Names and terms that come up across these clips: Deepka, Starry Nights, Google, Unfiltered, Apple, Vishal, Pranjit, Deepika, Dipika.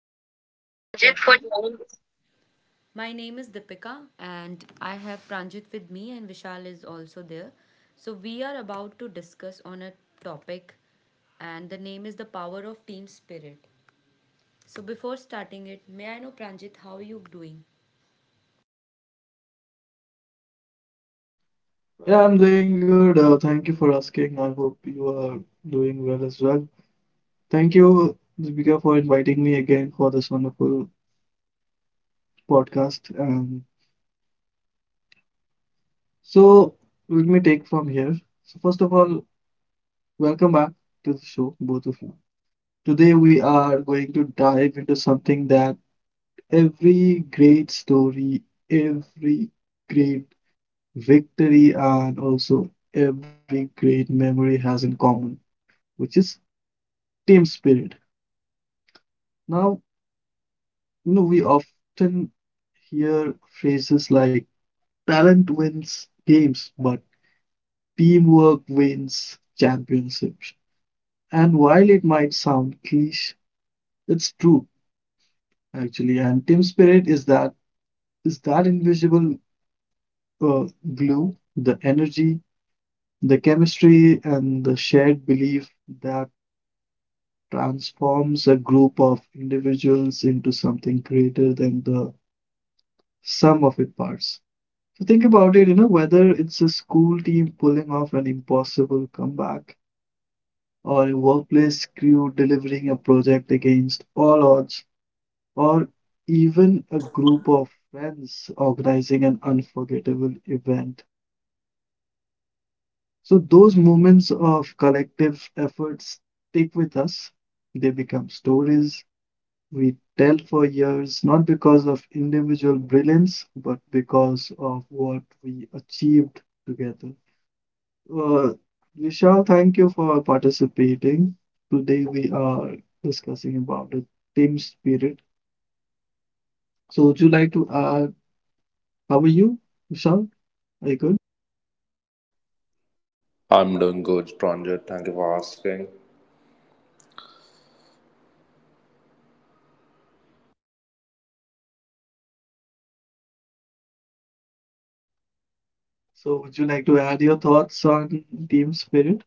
for Thank you joining so this much, Pranjit, podcast. for joining us. My name is Dipika, and I have Pranjit with me, and Vishal is also there. So we are about to discuss on a topic, and the name is the power of team spirit. So before starting it, may I know, Pranjit, how are you doing? Yeah, I'm doing good. Thank you for asking. I hope you are doing well as well. Thank you, Deepika, for inviting me again for this wonderful podcast. And so, let me take from here. So, first of all, welcome back to the show, both of you. Today, we are going to dive into something that every great story, every great victory, and also every great memory has in common, which is team spirit. Now, you know, we often hear phrases like talent wins games, but teamwork wins championships. And while it might sound cliche, it's true actually. And team spirit is that invisible uh, glue, the energy, the chemistry, and the shared belief that transforms a group of individuals into something greater than the sum of its parts. So think about it, whether it's a school team pulling off an impossible comeback, or a workplace crew delivering a project against all odds, or even a group of friends organizing an unforgettable event. So those moments of collective efforts stick with us. They become stories we tell for years, not because of individual brilliance, but because of what we achieved together. Uh, Vishal, thank you for participating. Today we are discussing about the team spirit. So would you like to add, how are you, Vishal? Are you good? I'm doing good, stranger. Thank you for asking. So would you like to add your thoughts on team spirit?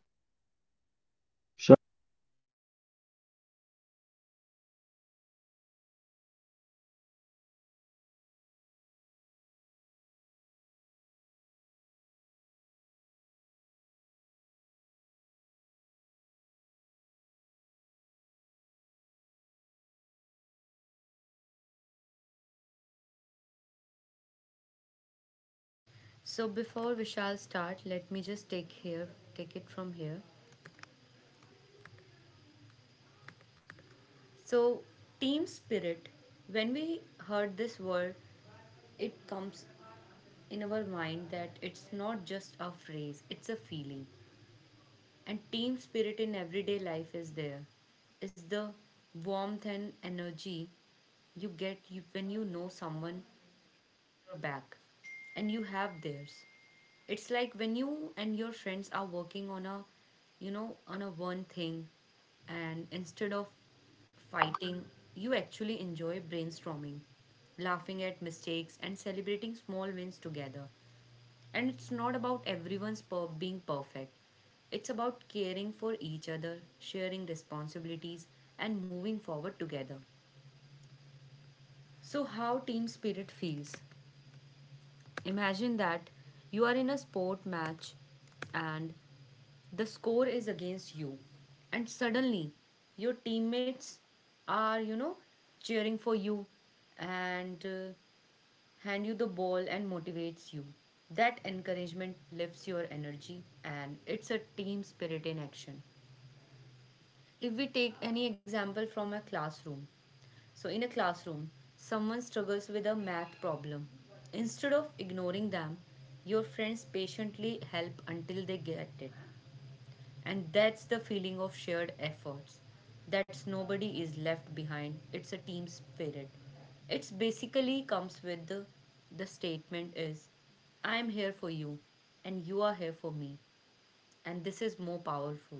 So before Vishal start, let me just take here, take it from here. So, team spirit, when we heard this word, it comes in our mind that it's not just a phrase, it's a feeling. And team spirit in everyday life is there. Is the warmth and energy you get you, when you know someone your back and you have theirs. It's like when you and your friends are working on a on a one thing, and instead of fighting you actually enjoy brainstorming, laughing at mistakes, and celebrating small wins together. And it's not about being perfect. It's about caring for each other, sharing responsibilities, and moving forward together. So, how team spirit feels? Imagine that you are in a sport match and the score is against you, and suddenly your teammates are, cheering for you and hand you the ball and motivates you. That encouragement lifts your energy, and it's a team spirit in action. If we take any example from a classroom, so in a classroom, someone struggles with a math problem. Instead of ignoring them, your friends patiently help until they get it. And that's the feeling of shared efforts. That's nobody is left behind. It's a team spirit. It's basically comes with the statement is I am here for you and you are here for me, and this is more powerful.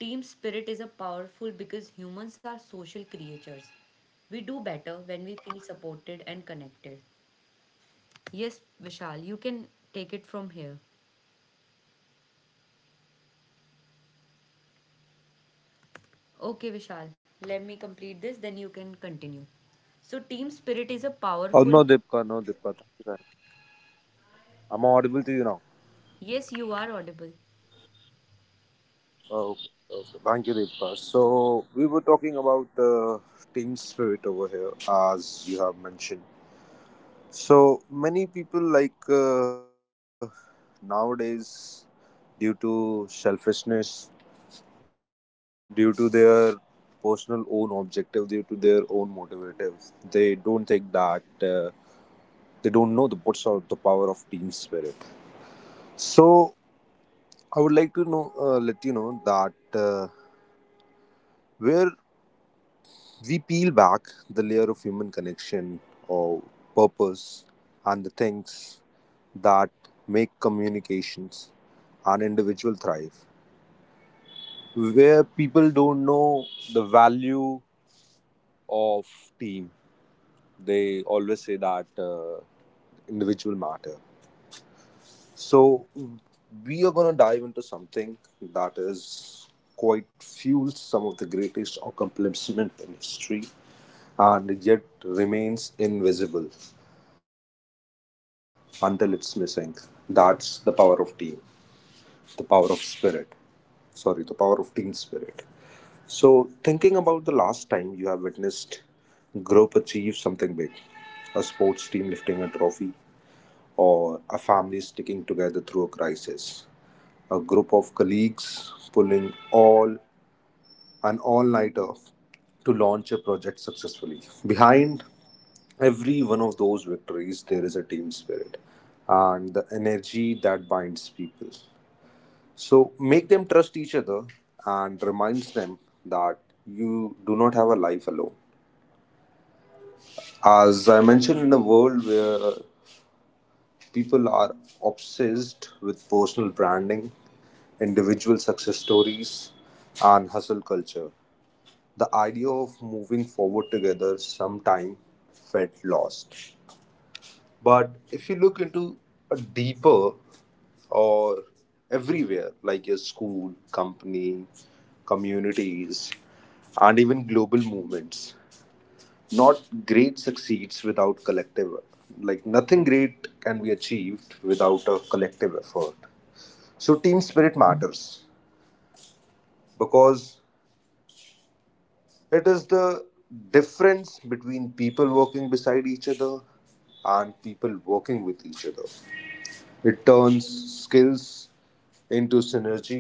Team spirit is a powerful because humans are social creatures. We do better when we feel supported and connected. Yes, Vishal, you can take it from here. Okay, Vishal, let me complete this, then you can continue. So, team spirit is a Oh powerful. no, Deepka, no, Deepka. Thank you, thank you. I'm audible to you now. Yes, you are audible. Oh, okay, okay. Thank you, Deepka. So we were talking about team spirit over here, as you have mentioned. So many people like nowadays, due to selfishness, due to their personal own objective, due to their own motivative, they don't think that. They don't know the what's of the power of team spirit. So I would like to know, let you know that uh, where we peel back the layer of human connection or purpose and the things that make communications and individual thrive, where people don't know the value of team, they always say that individual matter. So, we are going to dive into something that is quite fuels some of the greatest accomplishments in history and yet remains invisible until it's missing. That's the power of team, the power of spirit. Sorry, the power of team spirit. So, thinking about the last time you have witnessed group achieve something big, a sports team lifting a trophy, or a family sticking together through a crisis, a group of colleagues pulling all an all-nighter to launch a project successfully. Behind every one of those victories, there is a team spirit and the energy that binds people. So make them trust each other and reminds them that you do not have a life alone. As I mentioned, in a world where people are obsessed with personal branding, individual success stories, and hustle culture. The idea of moving forward together sometime felt lost. But if you look into a deeper or everywhere, like your school, company, communities, and even global movements not great succeeds without collective, like nothing great can be achieved without a collective effort. So team spirit matters because it is the difference between people working beside each other and people working with each other. It turns skills into synergy,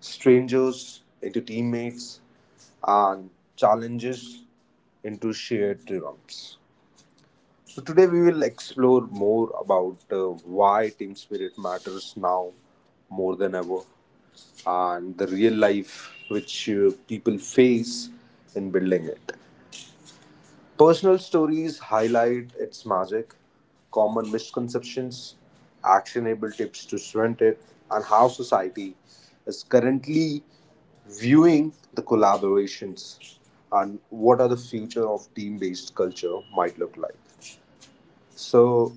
strangers into teammates, and challenges into shared triumphs. So today we will explore more about why team spirit matters now more than ever and the real life which people face in building it. Personal stories highlight its magic, common misconceptions, actionable tips to prevent it, and how society is currently viewing the collaborations and what are the future of team-based culture might look like. So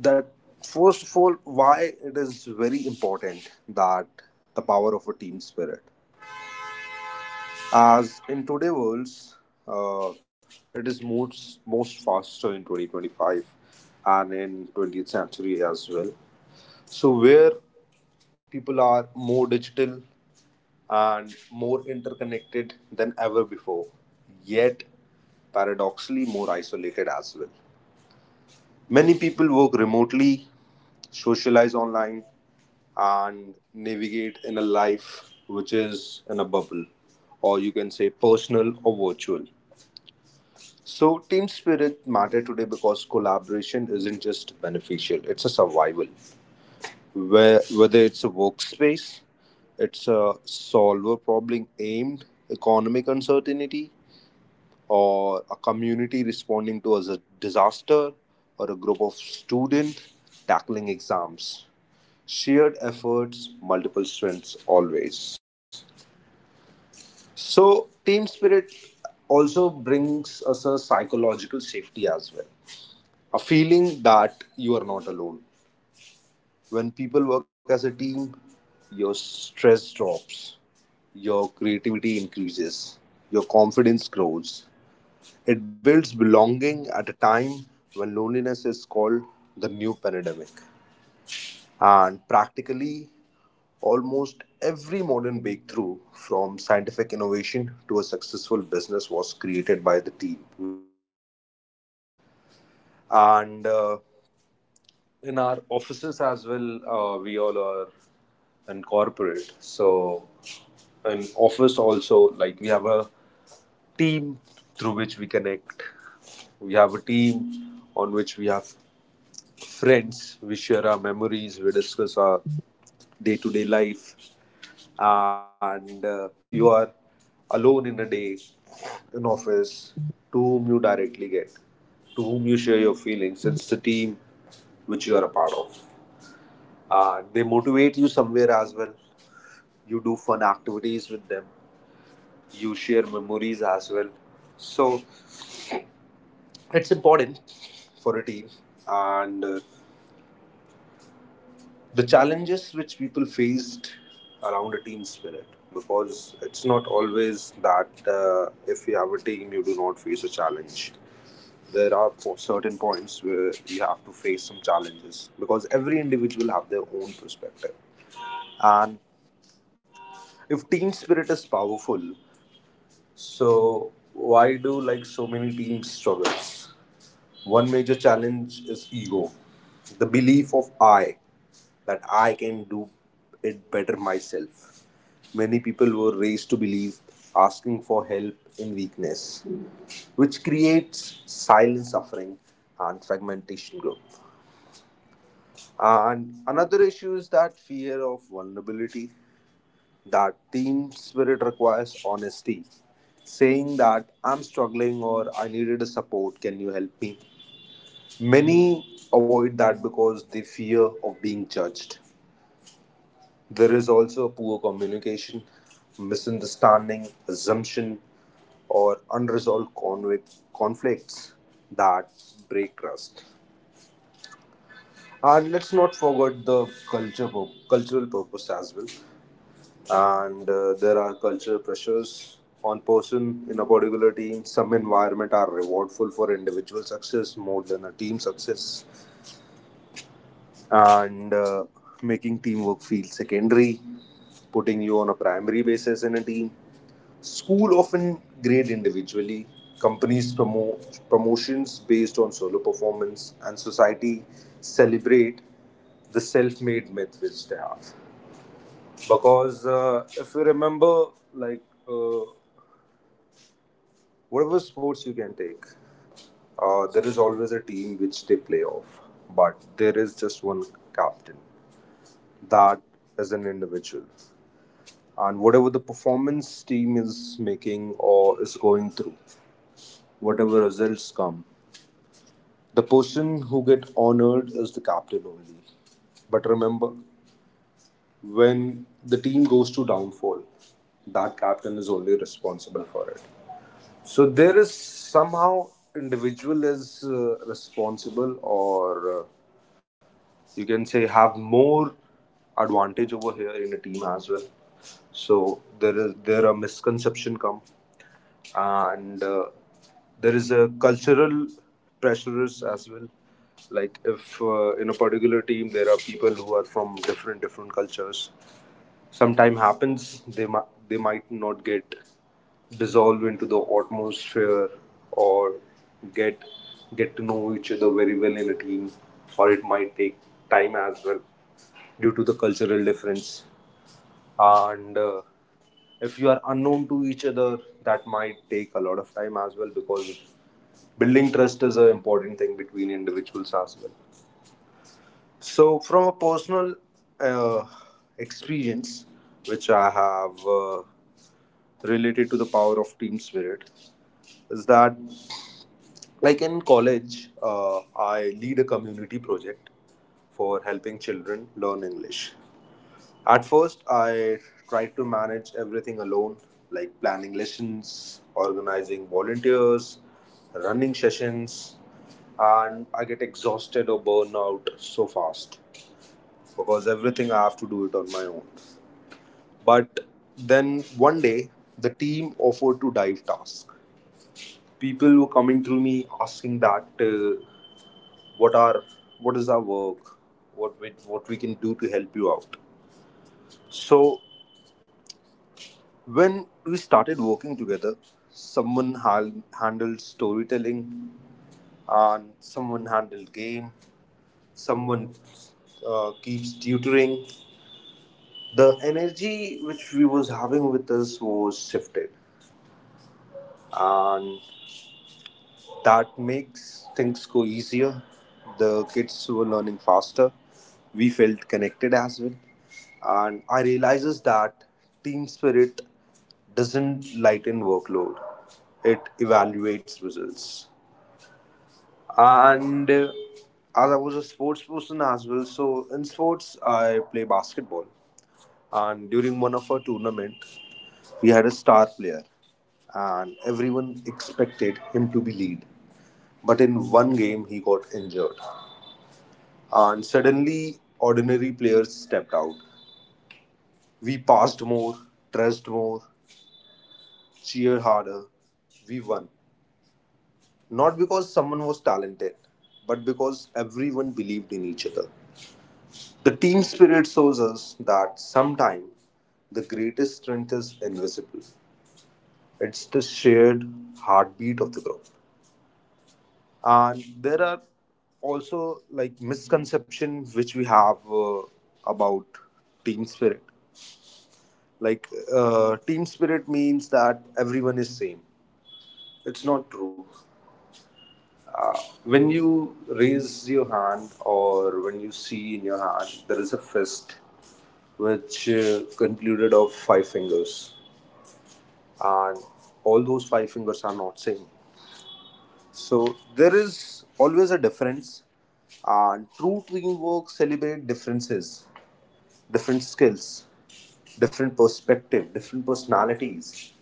that first of all, why it is very important that the power of a team spirit as in today worlds, uh, it is most faster in 2025 and in 20th century as well. So where people are more digital and more interconnected than ever before, yet paradoxically more isolated as well. Many people work remotely, socialize online, and navigate in a life which is in a bubble, or you can say personal or virtual. So, team spirit matter today because collaboration isn't just beneficial; it's a survival. Where whether it's a workspace, it's a solver problem aimed economic uncertainty, or a community responding to as a disaster, or a group of students tackling exams, shared efforts multiple strengths always. So team spirit also brings us a psychological safety as well, a feeling that you are not alone. When people work as a team, your stress drops, your creativity increases, your confidence grows. It builds belonging at a time when loneliness is called the new pandemic. And practically almost every modern breakthrough from scientific innovation to a successful business was created by the team, not by an individual. And in our offices as well, we all are in corporate, so in office also, like we have a team through which we connect. We have a team on which we have friends. We share our memories. We discuss our day-to-day life. And if you are alone in a day in office, to whom you directly get, to whom you share your feelings, it's the team which you are a part of. And they motivate you somewhere as well. You do fun activities with them. You share memories as well. So it's important for a team. And. The challenges which people faced around a team spirit, because it's not always that if you have a team you do not face a challenge. There are certain points where you have to face some challenges because every individual have their own perspective. And if team spirit is powerful, so why do like so many teams struggles? One major challenge is ego, the belief of I, that I can do it better myself. Many people were raised to believe asking for help in weakness, which creates silent suffering and fragmentation group. And another issue is that fear of vulnerability. That team spirit requires honesty. Saying that I'm struggling or I needed a support, can you help me? Many avoid that because they fear of being judged. There is also poor communication, misunderstanding, assumption, or conflicts that break trust. And let's not forget the cultural purpose as well. And there are cultural pressures on person in a particular team. Some environment are rewardful for individual success more than a team success, and making teamwork feel secondary, putting you on a primary basis in a team. School often grade individually. Companies promote promotions based on solo performance, and society celebrate the self-made myth which they have. Because if you remember, like uh, whatever sports you can take, there is always a team which they play off, but there is just one captain. That is an individual. And whatever the performance team is making or is going through, whatever results come, the person who get honored is the captain only. But remember, when the team goes to downfall, that captain is only responsible for it. So there is somehow individual is responsible, or you can say have more advantage over here in a team as well. So there is there are misconception come. And there is a cultural pressures as well. Like if in a particular team there are people who are from different different cultures, sometime happens they might not get dissolved into the atmosphere, or get to know each other very well in a team, or it might take time as well due to the cultural difference. And if you are unknown to each other, that might take a lot of time as well because building trust is an important thing between individuals as well. So from a personal uh, experience which I have related to the power of team spirit is that, like in college, I lead a community project for helping children learn English. At first, I tried to manage everything alone, like planning lessons, organizing volunteers, running sessions, and I get exhausted or burn out so fast because everything I have to do it on my own. But then one day, the team offered to dive task. People were coming through me asking that what are what is our work, what we can do to help you out. So when we started working together, someone hal handled storytelling, and someone handled game, someone keeps tutoring. The energy which we was having with us was shifted. And that makes things go easier. The kids were learning faster. We felt connected as well. And I realizes that team spirit doesn't lighten workload. It evaluates results. And as I was a sports person as well, so in sports I play basketball. And during one of our tournament, we had a star player, and everyone expected him to be lead. But in one game, he got injured. And suddenly, ordinary players stepped out. We passed more, pressed more, cheered harder. We won. Not because someone was talented, but because everyone believed in each other. The team spirit shows us that sometimes the greatest strength is invisible. It's the shared heartbeat of the group. And there are also like misconception which we have about team spirit, like team spirit means that everyone is same. It's not true. uh, when you raise your hand or when you see in your hand there is a fist which concluded of five fingers, and all those five fingers are not same. So there is always a difference, and true teamwork celebrate differences, different skills, different perspective, different personalities.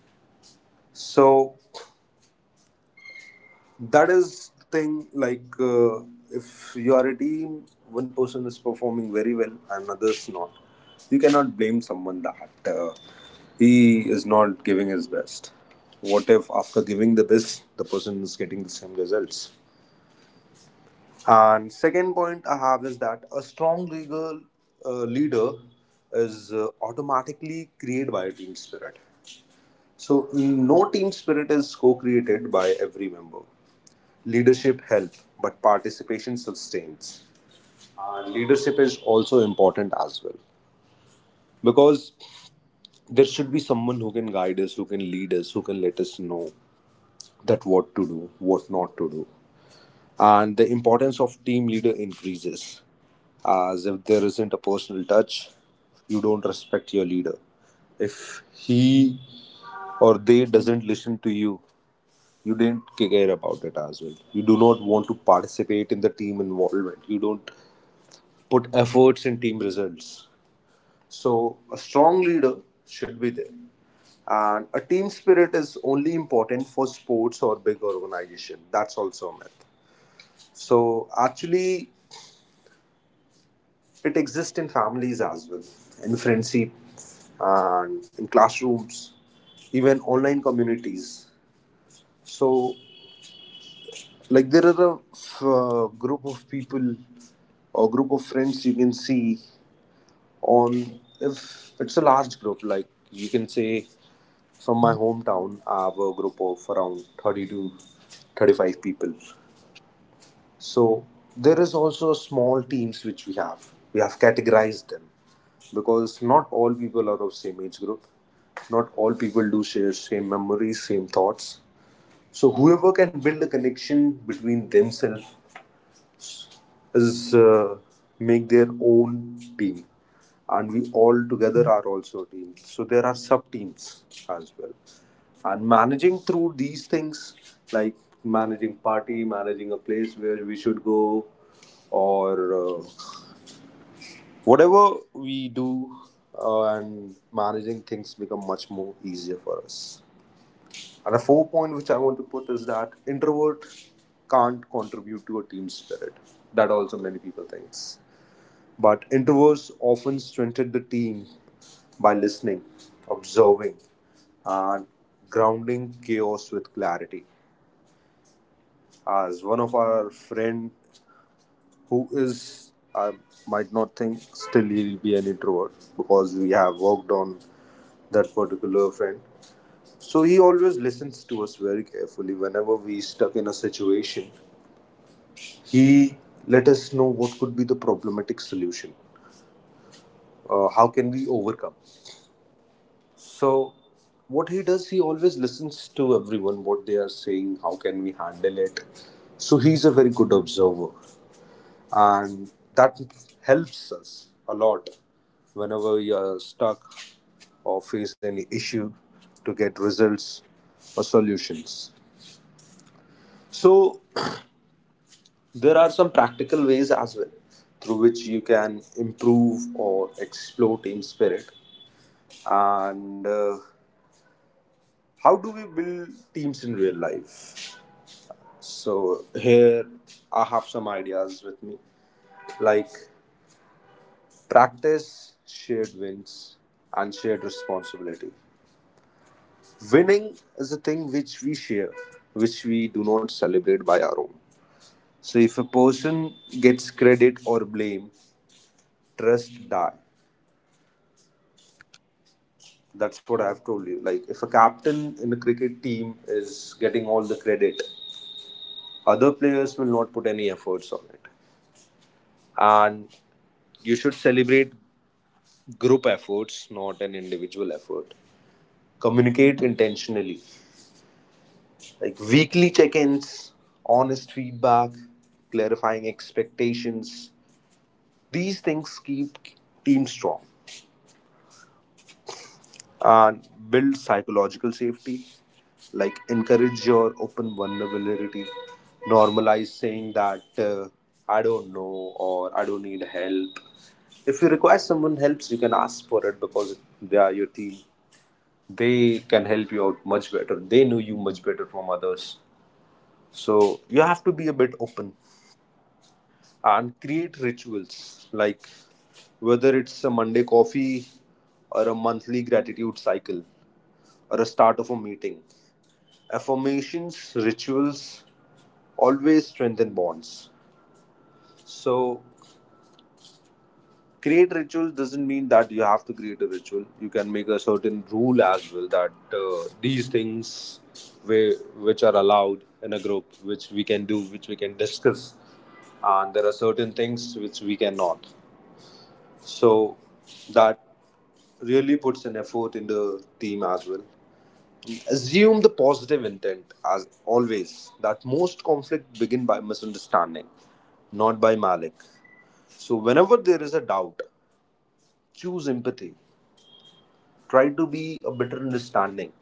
So that is the thing. Like if you are a team, one person is performing very well and others not. You cannot blame someone that he is not giving his best. What if after giving the best, the person is getting the same results? And second point I have is that a strong legal leader is automatically created by a team spirit. So no, team spirit is co-created by every member. Leadership helps, but participation sustains. And leadership is also important as well because there should be someone who can guide us, who can lead us, who can let us know that what to do, what not to do, and the importance of team leader increases. As if there isn't a personal touch, you don't respect your leader. If he or they doesn't listen to you, you didn't care about it as well. You do not want to participate in the team involvement. You don't put efforts in team results. So a strong leader should be there. And a team spirit is only important for sports or big organization. That's also a myth. So actually it exists in families as well, in friendship, and in classrooms, even online communities. So, like there are a group of people or group of friends you can see on. If it's a large group, like you can say from my hometown, I have a group of around 30 to 35 people. So there is also small teams which we have. We have categorized them because not all people are of same age group. Not all people do share same memories, same thoughts. So whoever can build a connection between themselves is make their own team, and we all together are also a team, so there are sub teams as well. And managing through these things, like managing party, managing a place where we should go, or whatever we do, and managing things become much more easier for us. And the fourth point which I want to put is that introvert can't contribute to a team spirit. That also many people thinks, but introverts often strengthen the team by listening, observing, and grounding chaos with clarity. As one of our friend who is, I might not think, still he'll be an introvert because we have worked on that particular friend. So he always listens to us very carefully whenever we stuck in a situation. He let us know what could be the problematic solution. How can we overcome? So, what he does, he always listens to everyone, what they are saying, how can we handle it. So, he's a very good observer, and that helps us a lot whenever we are stuck or face any issue to get results or solutions. So, there are some practical ways as well through which you can improve or explore team spirit. And how do we build teams in real life? So here I have some ideas with me, like practice shared wins and shared responsibility. Winning is a thing which we share, which we do not celebrate by our own. So if a person gets credit or blame, trust die. That's what I've told you. Like if a captain in a cricket team is getting all the credit, other players will not put any efforts on it. And you should celebrate group efforts, not an individual effort. Communicate intentionally, like weekly check ins, honest feedback, clarifying expectations. These things keep teams strong and build psychological safety. Like, encourage your open vulnerability, normalize saying that I don't know or I don't need help. If you require someone helps, you can ask for it because they are your team, they can help you out much better, they know you much better from others. So you have to be a bit open and create rituals, like whether it's a Monday coffee or a monthly gratitude cycle or a start of a meeting affirmations rituals always strengthen bonds. So create rituals doesn't mean that you have to create a ritual. You can make a certain rule as well that these things where, which are allowed in a group, which we can do, which we can discuss, and there are certain things which we cannot. So that really puts an effort in the team as well. Assume the positive intent as always, that most conflict begin by misunderstanding, not by malice. So whenever there is a doubt, choose empathy, try to be a better understanding,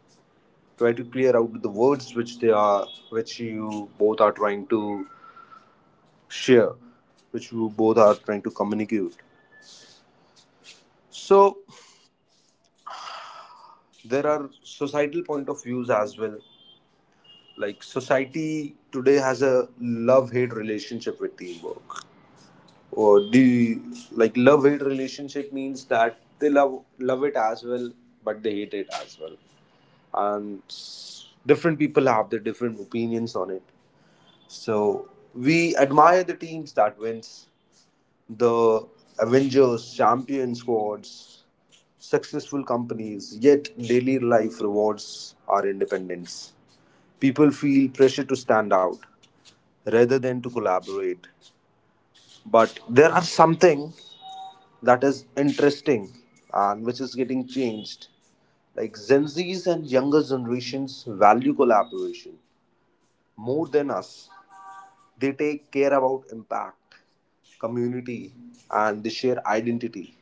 try to clear out the words which they are, which you both are trying to share, which you both are trying to communicate. So there are societal point of views as well. Like society today has a love hate relationship with teamwork, or the, like love hate relationship means that they love it as well, but they hate it as well, and different people have their different opinions on it. So we admire the teams that wins, the Avengers, champion squads, successful companies, yet daily life rewards our independence. People feel pressure to stand out rather than to collaborate. But there are something that is interesting and which is getting changed. Like Gen Zs and younger generations value collaboration more than us. They take care about impact, community, and they share identity.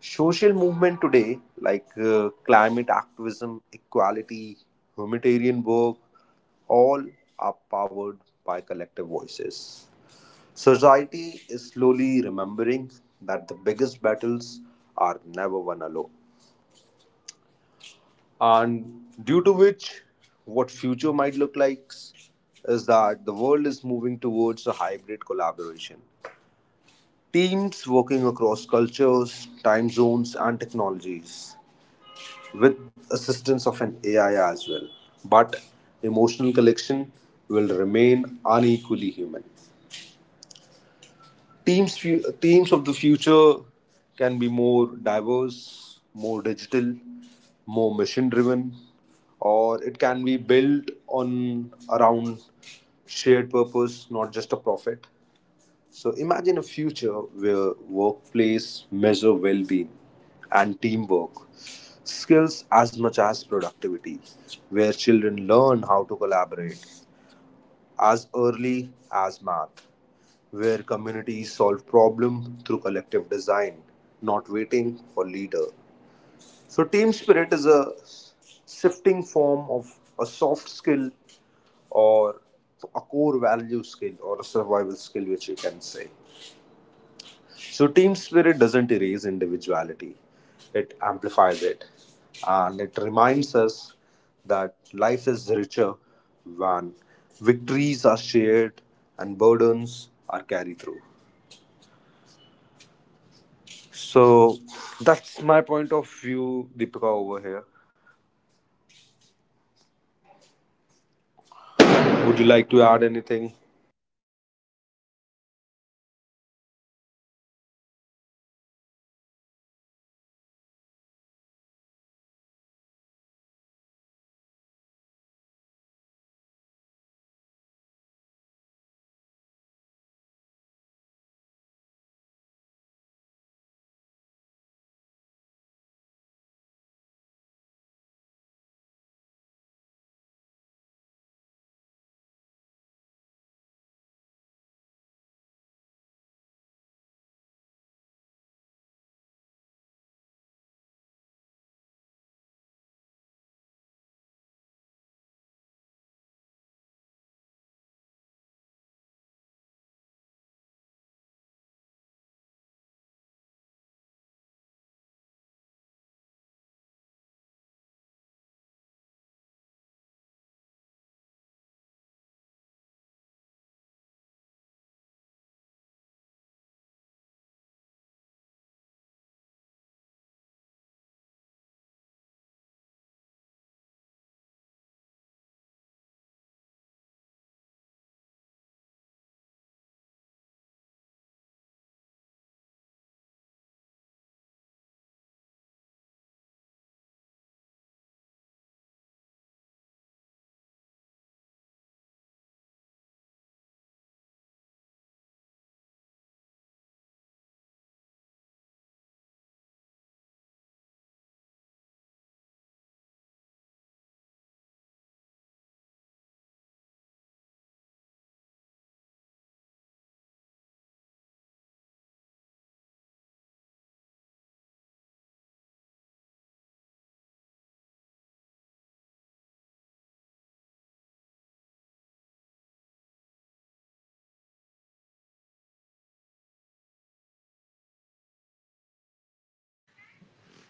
Social movement today, like climate activism, equality, humanitarian work, all are powered by collective voices. Society is slowly remembering that the biggest battles are never won alone. And due to which, what future might look like is that the world is moving towards a hybrid collaboration. Teams working across cultures, time zones, and technologies, with assistance of an AI as well. But emotional connection will remain unequally human. Teams of the future can be more diverse, more digital, more mission driven, or it can be built on around shared purpose, not just a profit. So imagine a future where workplace measure well-being and teamwork skills as much as productivity, where children learn how to collaborate as early as math, where communities solve problems through collective design, not waiting for leader. So team spirit is a shifting form of a soft skill or a core value skill or a survival skill which you can say. So team spirit doesn't erase individuality, it amplifies it, and it reminds us that life is richer when victories are shared and burdens are carried through. So that's my point of view, Deepika, over here. Would you like to add anything?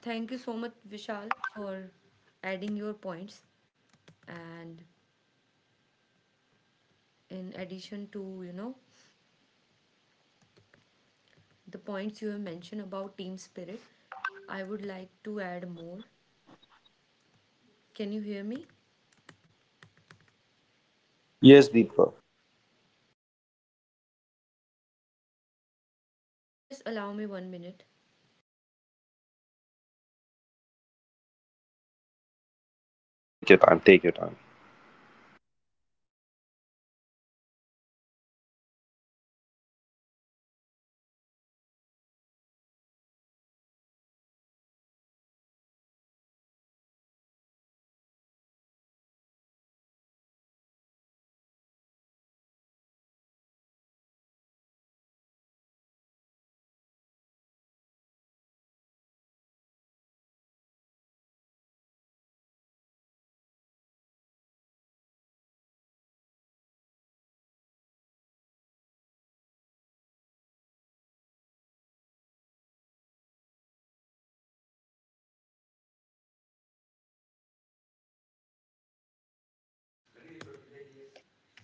Thank you so much, Vishal, for adding your points. And in addition to, you know, the points you have mentioned about team spirit, I would like to add more. Can you hear me? Yes, Deepika. Just allow me 1 minute. Sure, sure. Take your time. Take your time.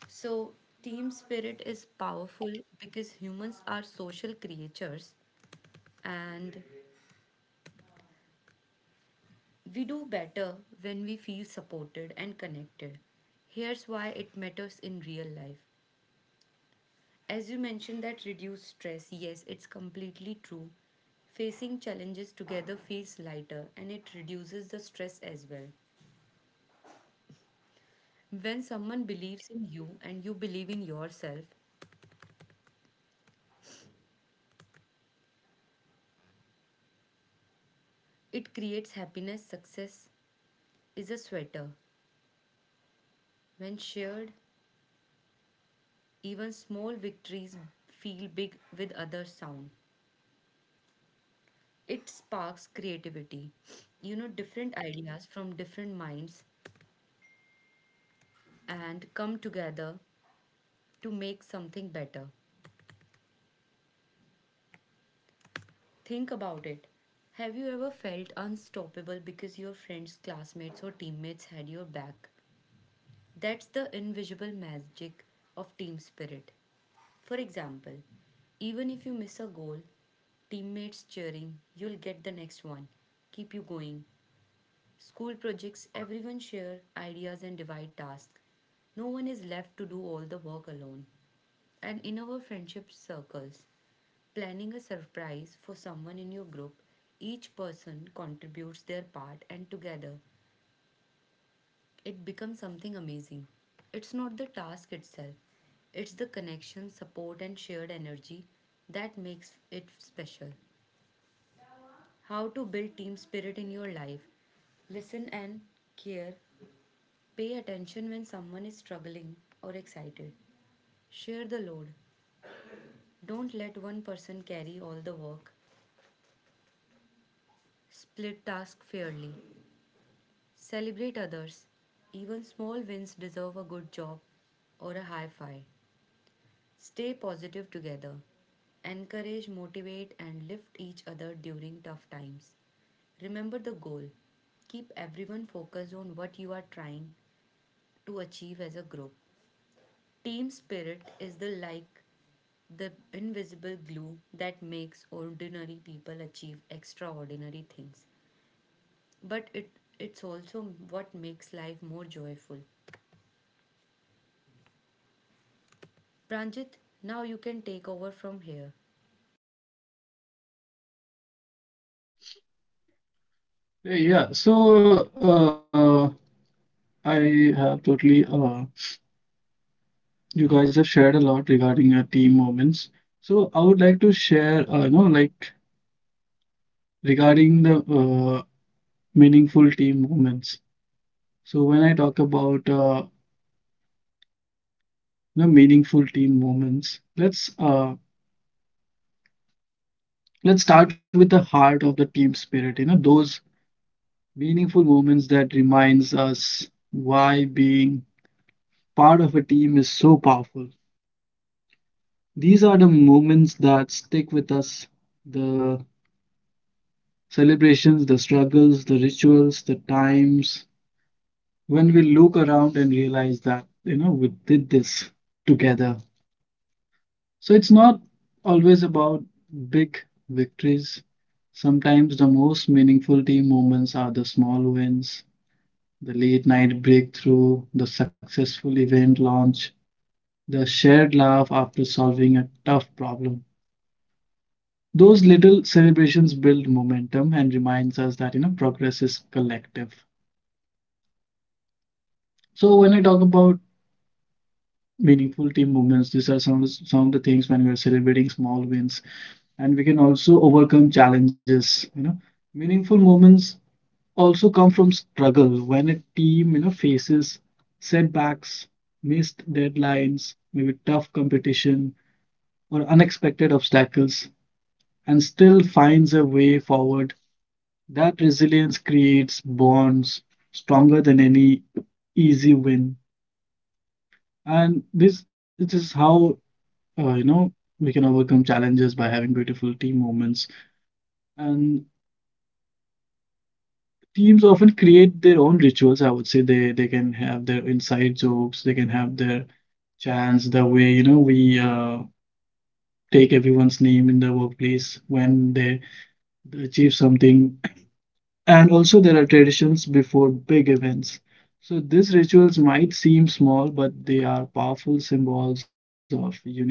So, team spirit is powerful because humans are social creatures and we do better when we feel supported and connected. Here's why it matters in real life. As you mentioned, that reduce stress, yes, it's completely true. Facing challenges together feels lighter and it reduces the stress as well. When someone believes in you and you believe in yourself, it creates happiness. Success is a sweater when shared, even small victories feel big with other sound. It sparks creativity. You know, different ideas from different minds and come together to make something better. Think about it. Have you ever felt unstoppable because your friends, classmates, or teammates had your back? That's the invisible magic of team spirit. For example, even if you miss a goal, teammates cheering, you'll get the next one, keep you going. School projects, everyone share ideas and divide tasks. No one is left to do all the work alone. And in our friendship circles, planning a surprise for someone in your group, each person contributes their part and together it becomes something amazing. It's not the task itself, it's the connection, support, and shared energy that makes it special. How to build team spirit in your life. Listen and care. Pay attention when someone is struggling or excited. Share the load. Don't let one person carry all the work. Split tasks fairly. Celebrate others. Even small wins deserve a good job or a high five. Stay positive together. Encourage, motivate, and lift each other during tough times. Remember the goal. Keep everyone focused on what you are trying to achieve as a group. Team spirit is the like the invisible glue that makes ordinary people achieve extraordinary things. But it's also what makes life more joyful. Pranjit, now you can take over from here. Yeah, so I have totally, uh, you guys have shared a lot regarding your team moments. So I would like to share, like regarding the meaningful team moments. So when I talk about, meaningful team moments, let's start with the heart of the team spirit. You know, those meaningful moments that reminds us why being part of a team is so powerful. These are the moments that stick with us, the celebrations, the struggles, the rituals, the times when we look around and realize that we did this together. So it's not always about big victories. Sometimes the most meaningful team moments are the small wins, the late night breakthrough, the successful event launch, the shared laugh after solving a tough problem. Those little celebrations build momentum and reminds us that progress is collective. So when I talk about meaningful team movements, these are some of the things when we are celebrating small wins, and we can also overcome challenges. You know, meaningful moments also come from struggle when a team faces setbacks, missed deadlines, maybe tough competition or unexpected obstacles, and still finds a way forward. That resilience creates bonds stronger than any easy win. And this is how, uh, you know, we can overcome challenges by having beautiful team moments. And teams often create their own rituals, I would say. They can have their inside jokes, they can have their chants, the way, we take everyone's name in the workplace when they achieve something. And also, there are traditions before big events. So, these rituals might seem small, but they are powerful symbols of unity.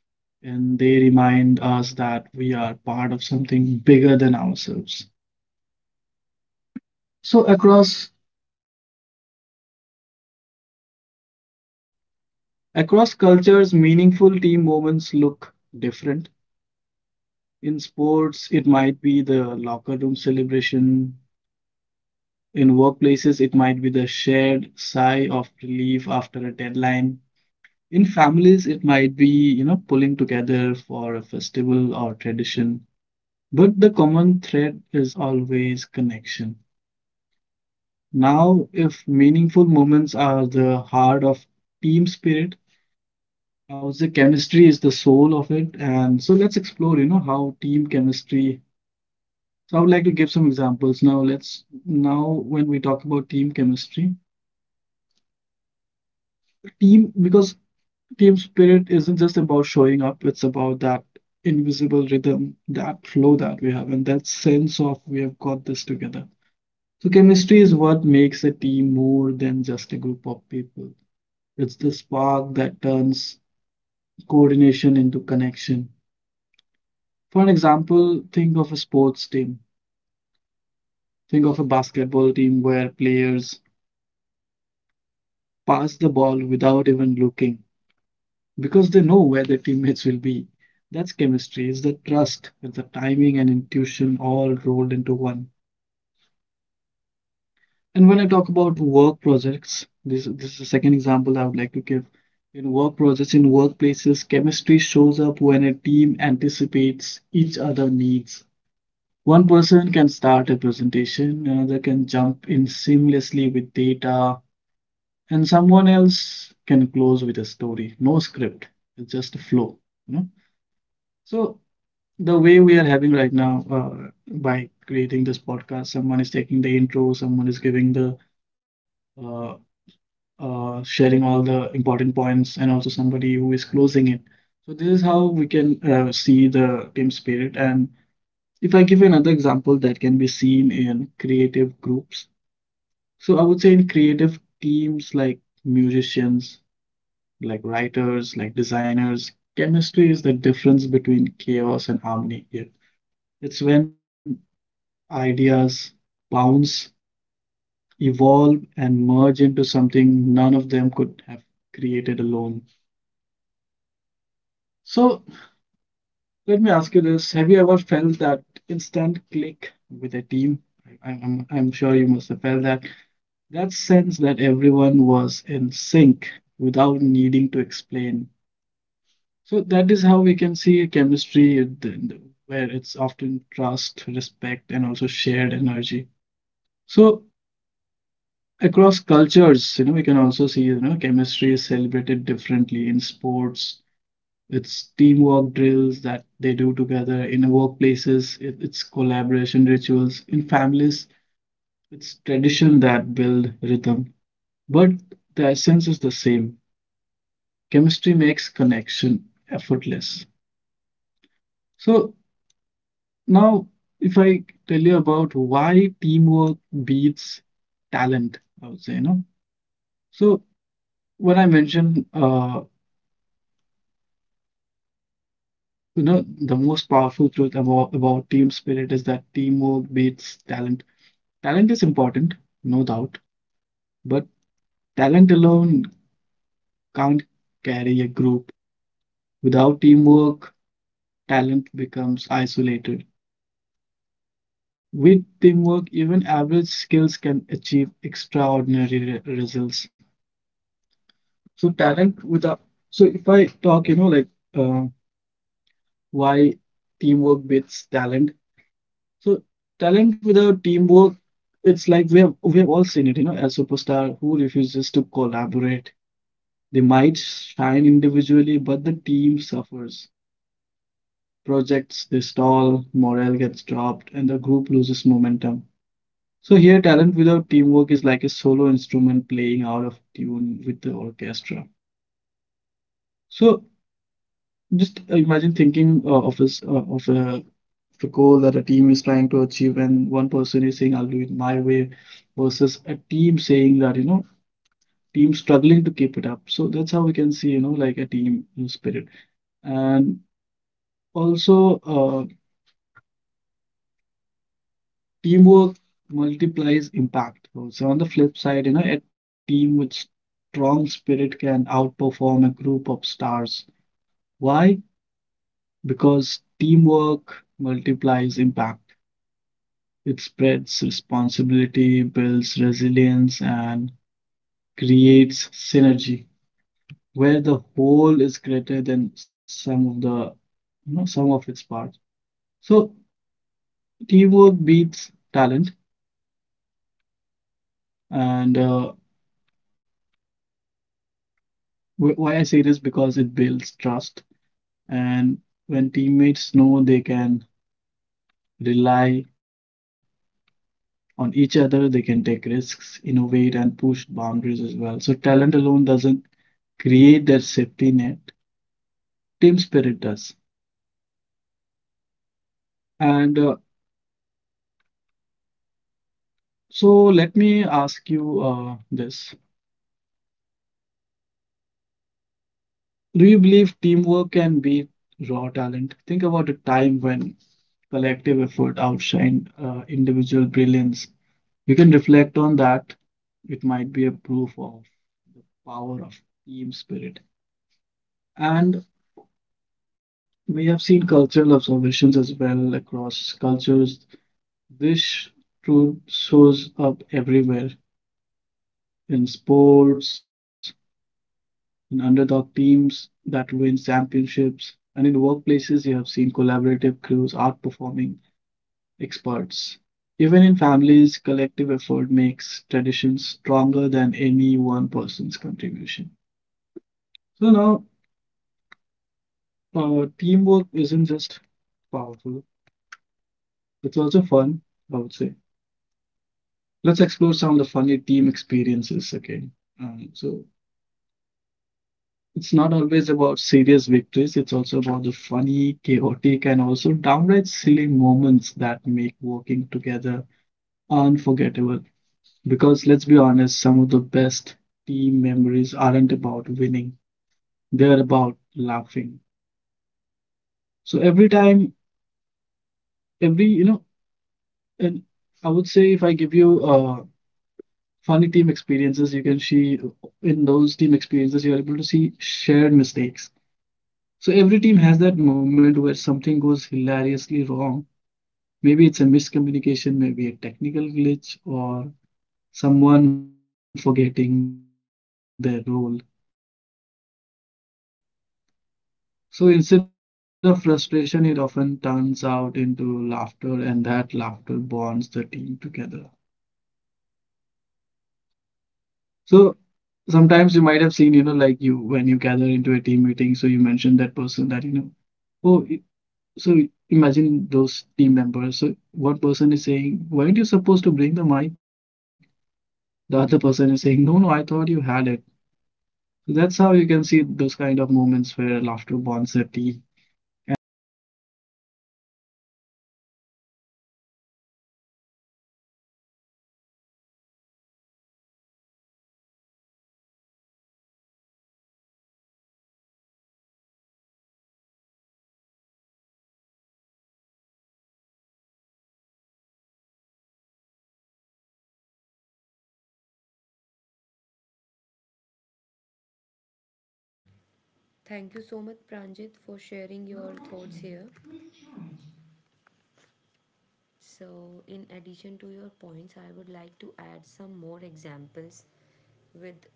And they remind us that we are part of something bigger than ourselves. So, across cultures, meaningful team moments look different. In sports, it might be the locker room celebration. In workplaces, it might be the shared sigh of relief after a deadline. In families, it might be pulling together for a festival or tradition, but the common thread is always connection. Now, if meaningful moments are the heart of team spirit, I would say chemistry is the soul of it. And so let's explore how team chemistry. So I would like to give some examples. Now, when we talk about team chemistry, team because Team spirit isn't just about showing up, it's about that invisible rhythm, that flow that we have, and that sense of we have got this together. So, chemistry is what makes a team more than just a group of people. It's the spark that turns coordination into connection. For an example, think of a sports team. Think of a basketball team where players pass the ball without even looking, because they know where their teammates will be. That's chemistry, is the trust, it's the timing and intuition all rolled into one. And when I talk about work projects, this is the second example I would like to give. In work projects, in workplaces, chemistry shows up when a team anticipates each other's needs. One person can start a presentation, another can jump in seamlessly with data, and someone else can close with a story. No script, it's just a flow. You know? So the way we are having right now, by creating this podcast, someone is taking the intro, someone is giving the uh, sharing all the important points, and also somebody who is closing it. So this is how we can see the team spirit. And if I give you another example, that can be seen in creative groups. So I would say in creative teams, like musicians, like writers, like designers, chemistry is the difference between chaos and harmony here. It's when ideas bounce, evolve, and merge into something none of them could have created alone. So let me ask you this: have you ever felt that instant click with a team? I- am I'm, sure you must have felt that. That sense that everyone was in sync without needing to explain. So that is how we can see a chemistry, where it's often trust, respect, and also shared energy. So across cultures, we can also see, chemistry is celebrated differently in sports. It's teamwork drills that they do together in workplaces. It's collaboration rituals in families. It's tradition that build rhythm. But the essence is the same. Chemistry makes connection effortless. So now, if I tell you about why teamwork beats talent, I would say. So when I mentioned So, You know, The most powerful truth about team spirit is that teamwork beats talent. Talent is important, no doubt, but talent alone can't carry a group. Without teamwork, talent becomes isolated. With teamwork, even average skills can achieve extraordinary results. So talent without, So if I talk, like uh, why teamwork beats talent, so talent without teamwork, it's like we have all seen it, a superstar who refuses to collaborate. They might shine individually, but the team suffers. Projects they stall, morale gets dropped, and the group loses momentum. So here, talent without teamwork is like a solo instrument playing out of tune with the orchestra. So just imagine thinking of a, s- of a the goal that a team is trying to achieve, and one person is saying I'll do it my way versus a team saying that team struggling to keep it up. So that's how we can see, like a team spirit. And also, teamwork multiplies impact. So on the flip side, a team with strong spirit can outperform a group of stars. Why? Because teamwork multiplies impact. It spreads responsibility, builds resilience, and creates synergy where the whole is greater than some of the you know some of its parts. So teamwork beats talent. And why I say this, because it builds trust. And when teammates know they can rely on each other, they can take risks, innovate, and push boundaries as well. So talent alone doesn't create their safety net, team spirit does. And so let me ask you this. Do you believe teamwork can beat raw talent? Think about a time when collective effort outshined individual brilliance. You can reflect on that. It might be a proof of power of team spirit. And we have seen cultural observations as well across cultures. This truth shows up everywhere, in sports, in underdog teams that win championships, and in workplaces you have seen collaborative crews outperforming experts. Even in families, collective effort makes traditions stronger than any one person's contribution. So now, teamwork isn't just powerful, it's also fun, I would say. Let's explore some of the funny team experiences again. So it's not always about serious victories, it's also about the funny, chaotic, and also downright silly moments that make working together unforgettable. Because let's be honest, some of the best team memories aren't about winning, they're about laughing. So every time, every, you know, and I would say, if I give you funny team experiences, you can see in those team experiences, you're able to see shared mistakes. So every team has that moment where something goes hilariously wrong. Maybe it's a miscommunication, maybe a technical glitch, or someone forgetting their role. So instead of frustration, it often turns out into laughter, and that laughter bonds the team together. So sometimes you might have seen, like you, when you gather into a team meeting, so you mention that person that, you know, oh, I- so imagine those team members. So one person is saying, weren't you supposed to bring the mic? The other person is saying, no, no, I thought you had it. So that's how you can see those kind of moments where laughter bonds the team. And when I talk about funny team experiences, you can also have inside jokes onto it. You can have fun experiences of that often create inside jokes. Those little phrases or moments only the team understands. They become part of the team's identity, a secret language that outsiders don't get it. For instance, we might have seen teams that are having some kind of inside jokes that only they are able to understand and Thank you so much, Pranjit, for not the sharing your outsiders, thoughts maybe here. other team members, they are able to understand those. So, in addition So I to would your say. points, I would like to add some more examples with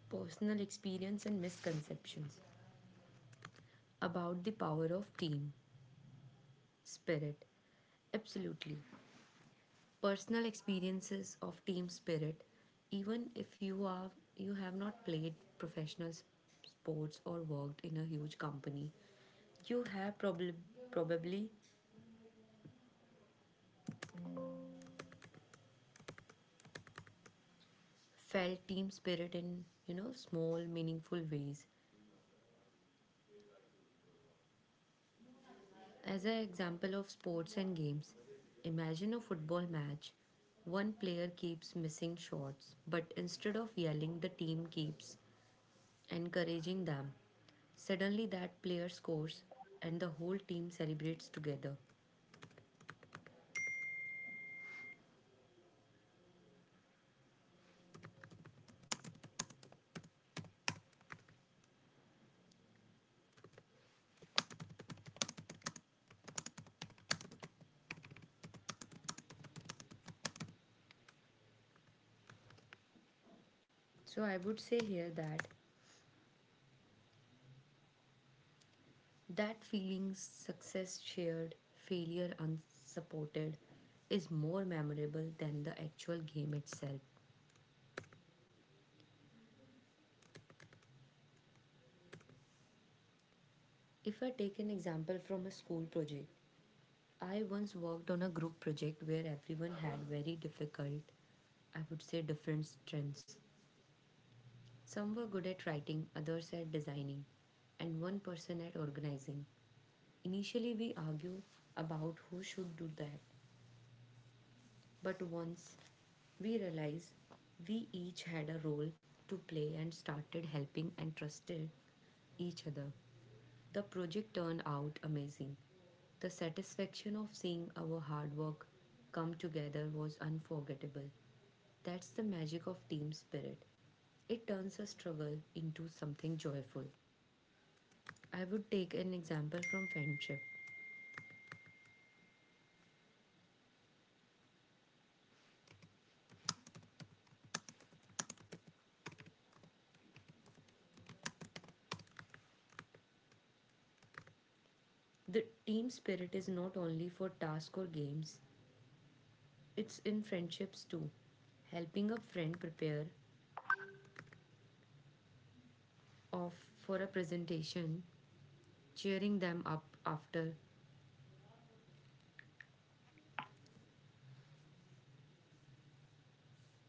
personal experience and misconceptions And in also food and about chaos, the power of team you are able to see spirit. that in workplaces they Absolutely. do some kind of potlucks and all, you know. Personal So food is experiences of often team the spirit, center of funny eating even if moments. You have not Sometimes played you are we have professional s- you ordering sports way or too worked much in a huge company, pizza. you have probably felt team spirit in, you know, small meaningful ways. As an example of sports and games, imagine a football match. One player keeps missing shots, but instead of yelling, the team keeps encouraging them. Suddenly, that player scores, and the whole team So celebrates uh, together. yeah, so I was mentioning about the food. Sometimes you can have those shared team experiences where a team moment might have ordering way too much pizza, way too much food, way too much, like, spilling drinks, and fighting over the last slice of that pizza. So these small, silly moments become So, I would say stories you here that laugh about for years. that feeling And also about success shared, failure unexpected. unsupported is more memorable than the actual game itself. If I take an example from a school project, Deepika, are you I able to hear once me? worked on a group project where everyone had very difficult, I would say, different strengths. Some were good at writing, others at designing, and one person at organizing. Initially, we argue about who should do that, but once we realized we each had a role to play and started helping and trusted each other. The project turned out amazing. The satisfaction of seeing our hard work come together was unforgettable. That's the magic of team spirit. It turns a struggle into something joyful. I would take an example from friendship. The team spirit is not only for tasks or games, it's in friendships too. Helping a friend prepare of for a presentation, cheering them up after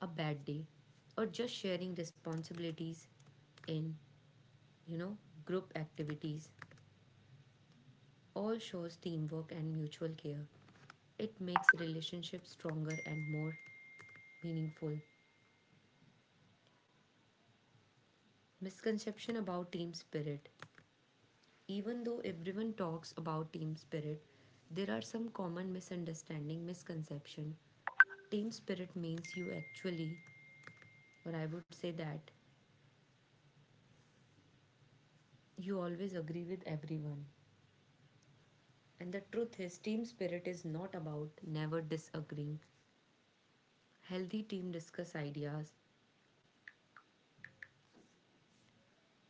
a bad day, or just sharing responsibilities in, you know, group activities, all shows teamwork and mutual care. It makes relationships stronger and more meaningful. Misconception about team spirit. Even though everyone talks about team spirit, there are some common misunderstanding misconception. Team spirit means you actually, or I would say that, you always agree with everyone. And the truth is, team spirit is not about never disagreeing. Healthy team discuss ideas,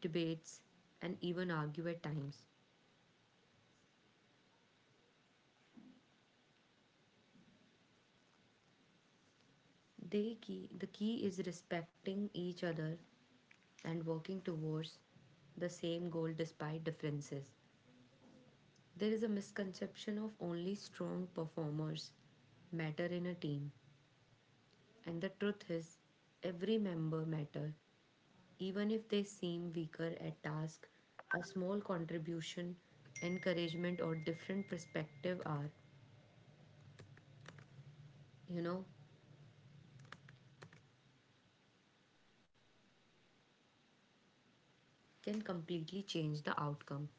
debates, and even argue at times. The key is respecting each other and working towards the same goal despite differences. There is a misconception of only strong performers matter in a team, and the truth is, every member matter, even if they seem weaker at task. A small contribution, encouragement, or different perspective are, you know, can completely change the outcome.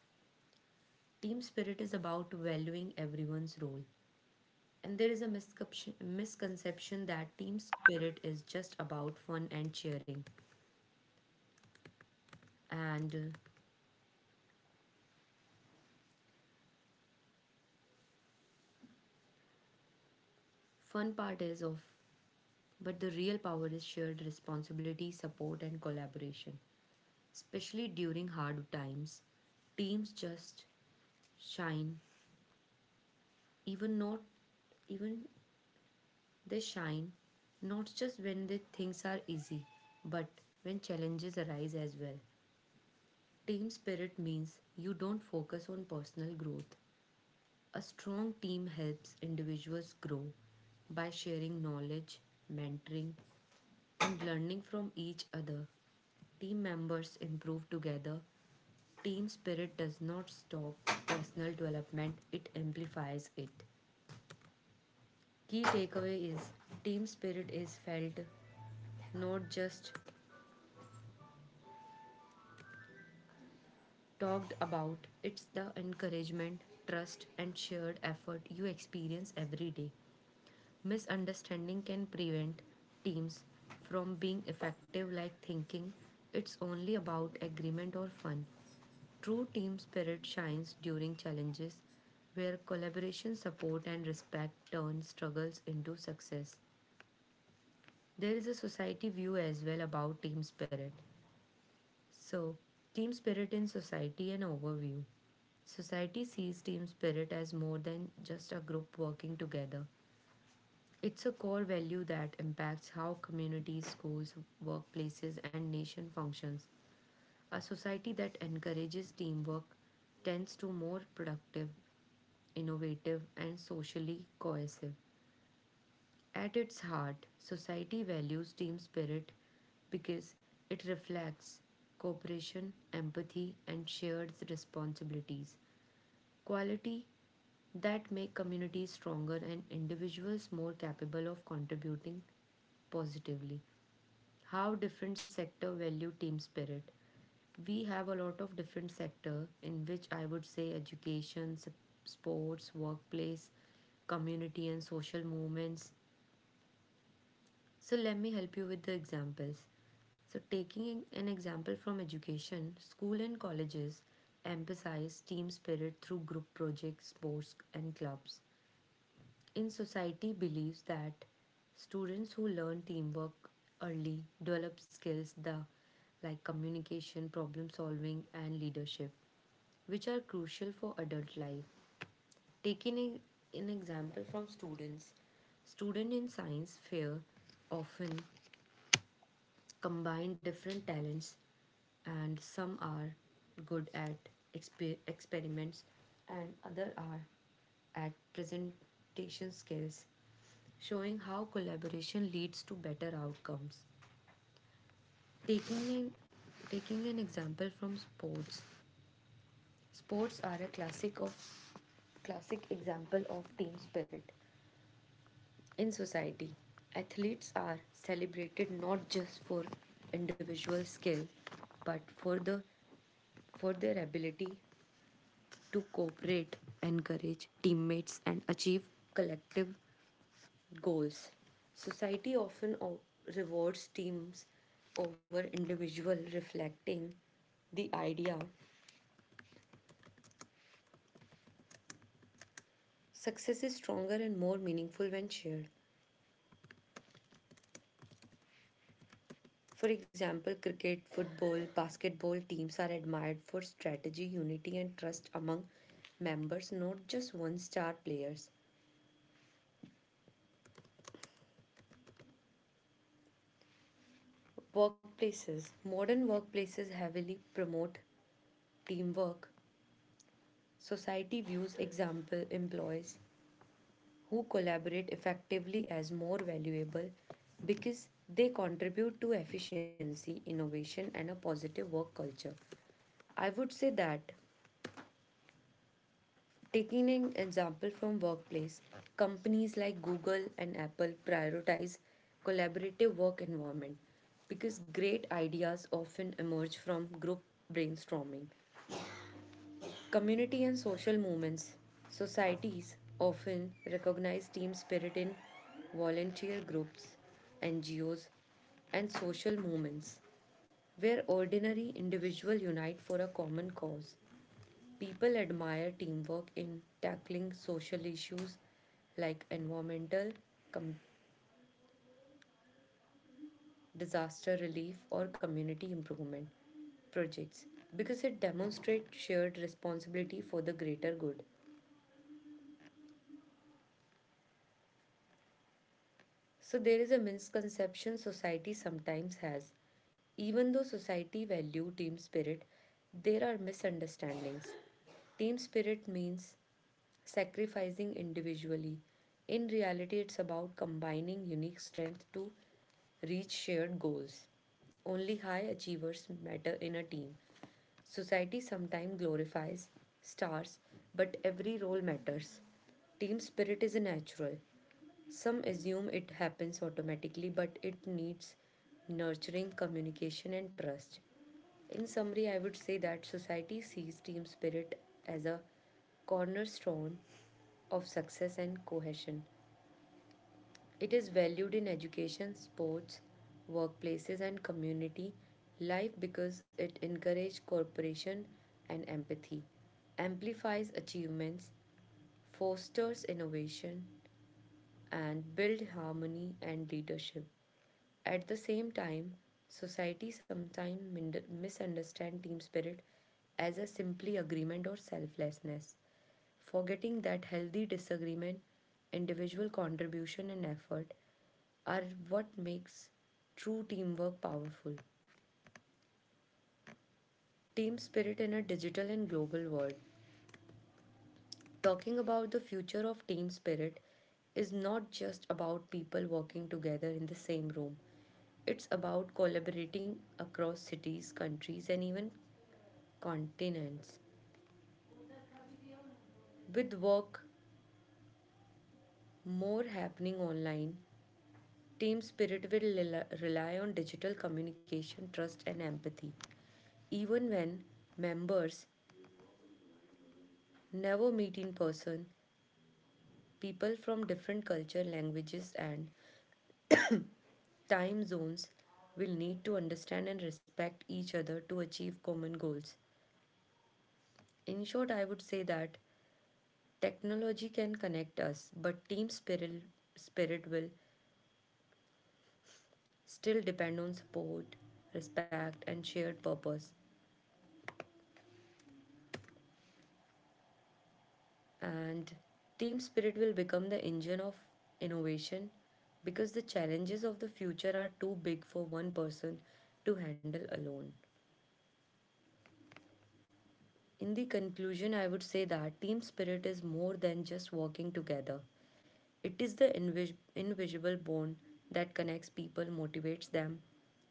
Team spirit is about valuing everyone's role. And there is a misconception that team spirit is just about fun and cheering. And fun part is of, but the real power is shared responsibility, support, and collaboration. Especially during hard times, teams just shine, even not even they shine not just when the things are easy, but when challenges arise as well. Team spirit means you don't focus on personal growth. A strong team helps individuals grow by sharing knowledge, mentoring, and learning from each other. Team members improve together. Team spirit does not stop personal development, it amplifies it. Key takeaway is team spirit is felt, not just talked about. It's the encouragement, trust, and shared effort you experience every day. Misunderstanding can prevent teams from being effective, like thinking it's only about agreement or fun. True team spirit shines during challenges where collaboration, support, and respect turn struggles into success. There is a society view as well about team spirit. So, team spirit in society and overview. Society sees team spirit as more than just a group working together. It's a core value that impacts how communities, schools, workplaces, and nation functions. A society that encourages teamwork tends to more productive, innovative, and socially cohesive. At its heart, society values team spirit because it reflects cooperation, empathy, and shared responsibilities. Quality that make communities stronger and individuals more capable of contributing positively. How different sector value team spirit, we have a lot of different sector in which I would say education, sports, workplace, community, and social movements. So let me help you with the examples. So taking an example from education, school and colleges emphasize team spirit through group projects, sports, and clubs. In society believes that students who learn teamwork early develop skills the like communication, problem solving, and leadership, which are crucial for adult life. Taking an example from students, students in science fair often combine different talents, and some are good at experiments and other are at presentation skills, showing how collaboration leads to better outcomes. Taking an, taking an example from sports, sports are a classic example of team spirit. In society, athletes are celebrated not just for individual skill, but for their ability to cooperate, encourage teammates, and achieve collective goals. Society often rewards teams over individual, reflecting the idea success is stronger and more meaningful when shared. For example, cricket, football, basketball teams are admired for strategy, unity, and trust among members, not just one star players. Workplaces. Modern workplaces heavily promote teamwork. Society views example employees who collaborate effectively as more valuable because they contribute to efficiency, innovation, and a positive work culture. I would say that taking an example from workplace, companies like Google and Apple prioritize collaborative work environment because great ideas often emerge from group brainstorming. Community and social movements. Societies often recognize team spirit in volunteer groups, NGOs, and social movements, where ordinary individuals unite for a common cause. People admire teamwork in tackling social issues like environmental, com- disaster relief, or community improvement projects because it demonstrates shared responsibility for the greater good. So there is a misconception society sometimes has. Even though society value team spirit, there are misunderstandings. Team spirit means sacrificing individually. In reality, it's about combining unique strength to reach shared goals. Only high achievers matter in a team. Society sometimes glorifies stars, but every role matters. Team spirit is a natural, some assume it happens automatically, but it needs nurturing, communication, and trust. In summary, I would say that society sees team spirit as a cornerstone of success and cohesion. It is valued in education, sports, workplaces, and community life because it encourages cooperation and empathy, amplifies achievements, fosters innovation, and builds harmony and leadership. At the same time, society sometimes misunderstands team spirit as a simply agreement or selflessness, forgetting that healthy disagreement, individual contribution and effort are what makes true teamwork powerful. Team spirit in a digital and global world. Talking about the future of team spirit is not just about people working together in the same room. It's about collaborating across cities, countries, and even continents. With work more happening online, team spirit will rely on digital communication, trust, and empathy. Even when members never meet in person, people from different culture, languages, and time zones will need to understand and respect each other to achieve common goals. In short, I would say that technology can connect us, but team spirit will still depend on support, respect, and shared purpose. And team spirit will become the engine of innovation because the challenges of the future are too big for one person to handle alone. In the conclusion, I would say that team spirit is more than just working together. It is the invisible bond that connects people, motivates them,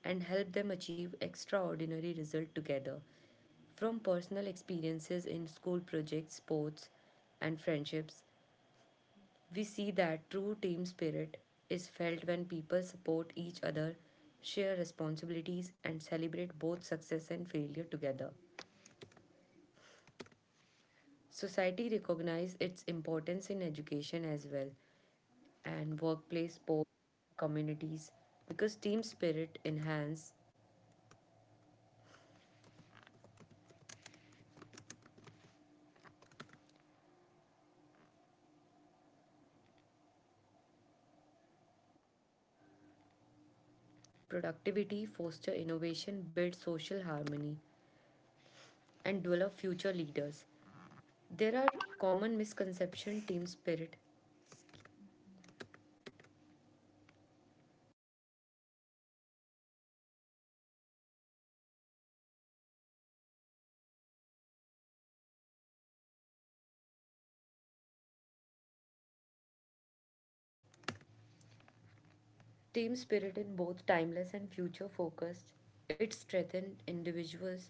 and help them achieve extraordinary results together. From personal experiences in school projects, sports, and friendships, we see that true team spirit is felt when people support each other, share responsibilities, and celebrate both success and failure together. Society recognizes its importance in education as well, and workplace, sports, communities, because team spirit enhances productivity, foster innovation, build social harmony, and develop future leaders. There are common misconception team spirit. Team spirit in both timeless and future focused. It strengthens individuals,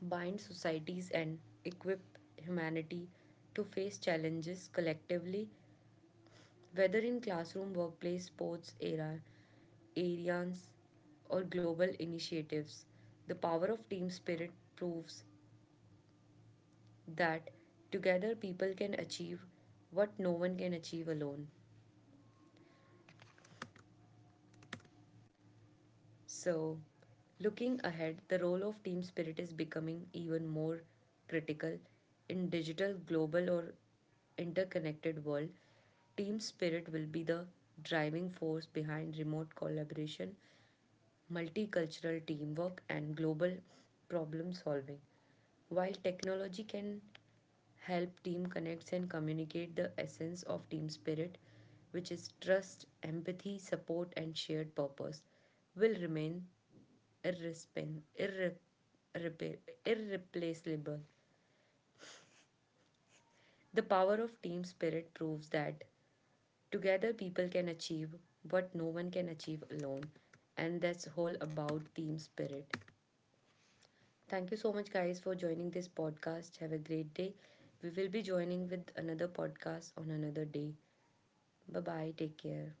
binds societies and equip humanity to face challenges collectively, whether in classroom, workplace, sports era, areas or global initiatives. The power of team spirit proves that together people can achieve what no one can achieve alone. So, looking ahead, the role of team spirit is becoming even more critical in digital global or interconnected world. Team spirit will be the driving force behind remote collaboration multicultural teamwork, and global problem solving. While technology can help team connects and communicate the essence of team spirit, which is trust, empathy, support, and shared purpose, will remain irrespen- irre- irrepa- irreplaceable. The power of team spirit proves that together people can achieve what no one can achieve alone, and that's whole about team spirit. Thank you so much, guys, for joining this podcast. Have a great day. We will be joining with another podcast on another day. Bye bye. Take care.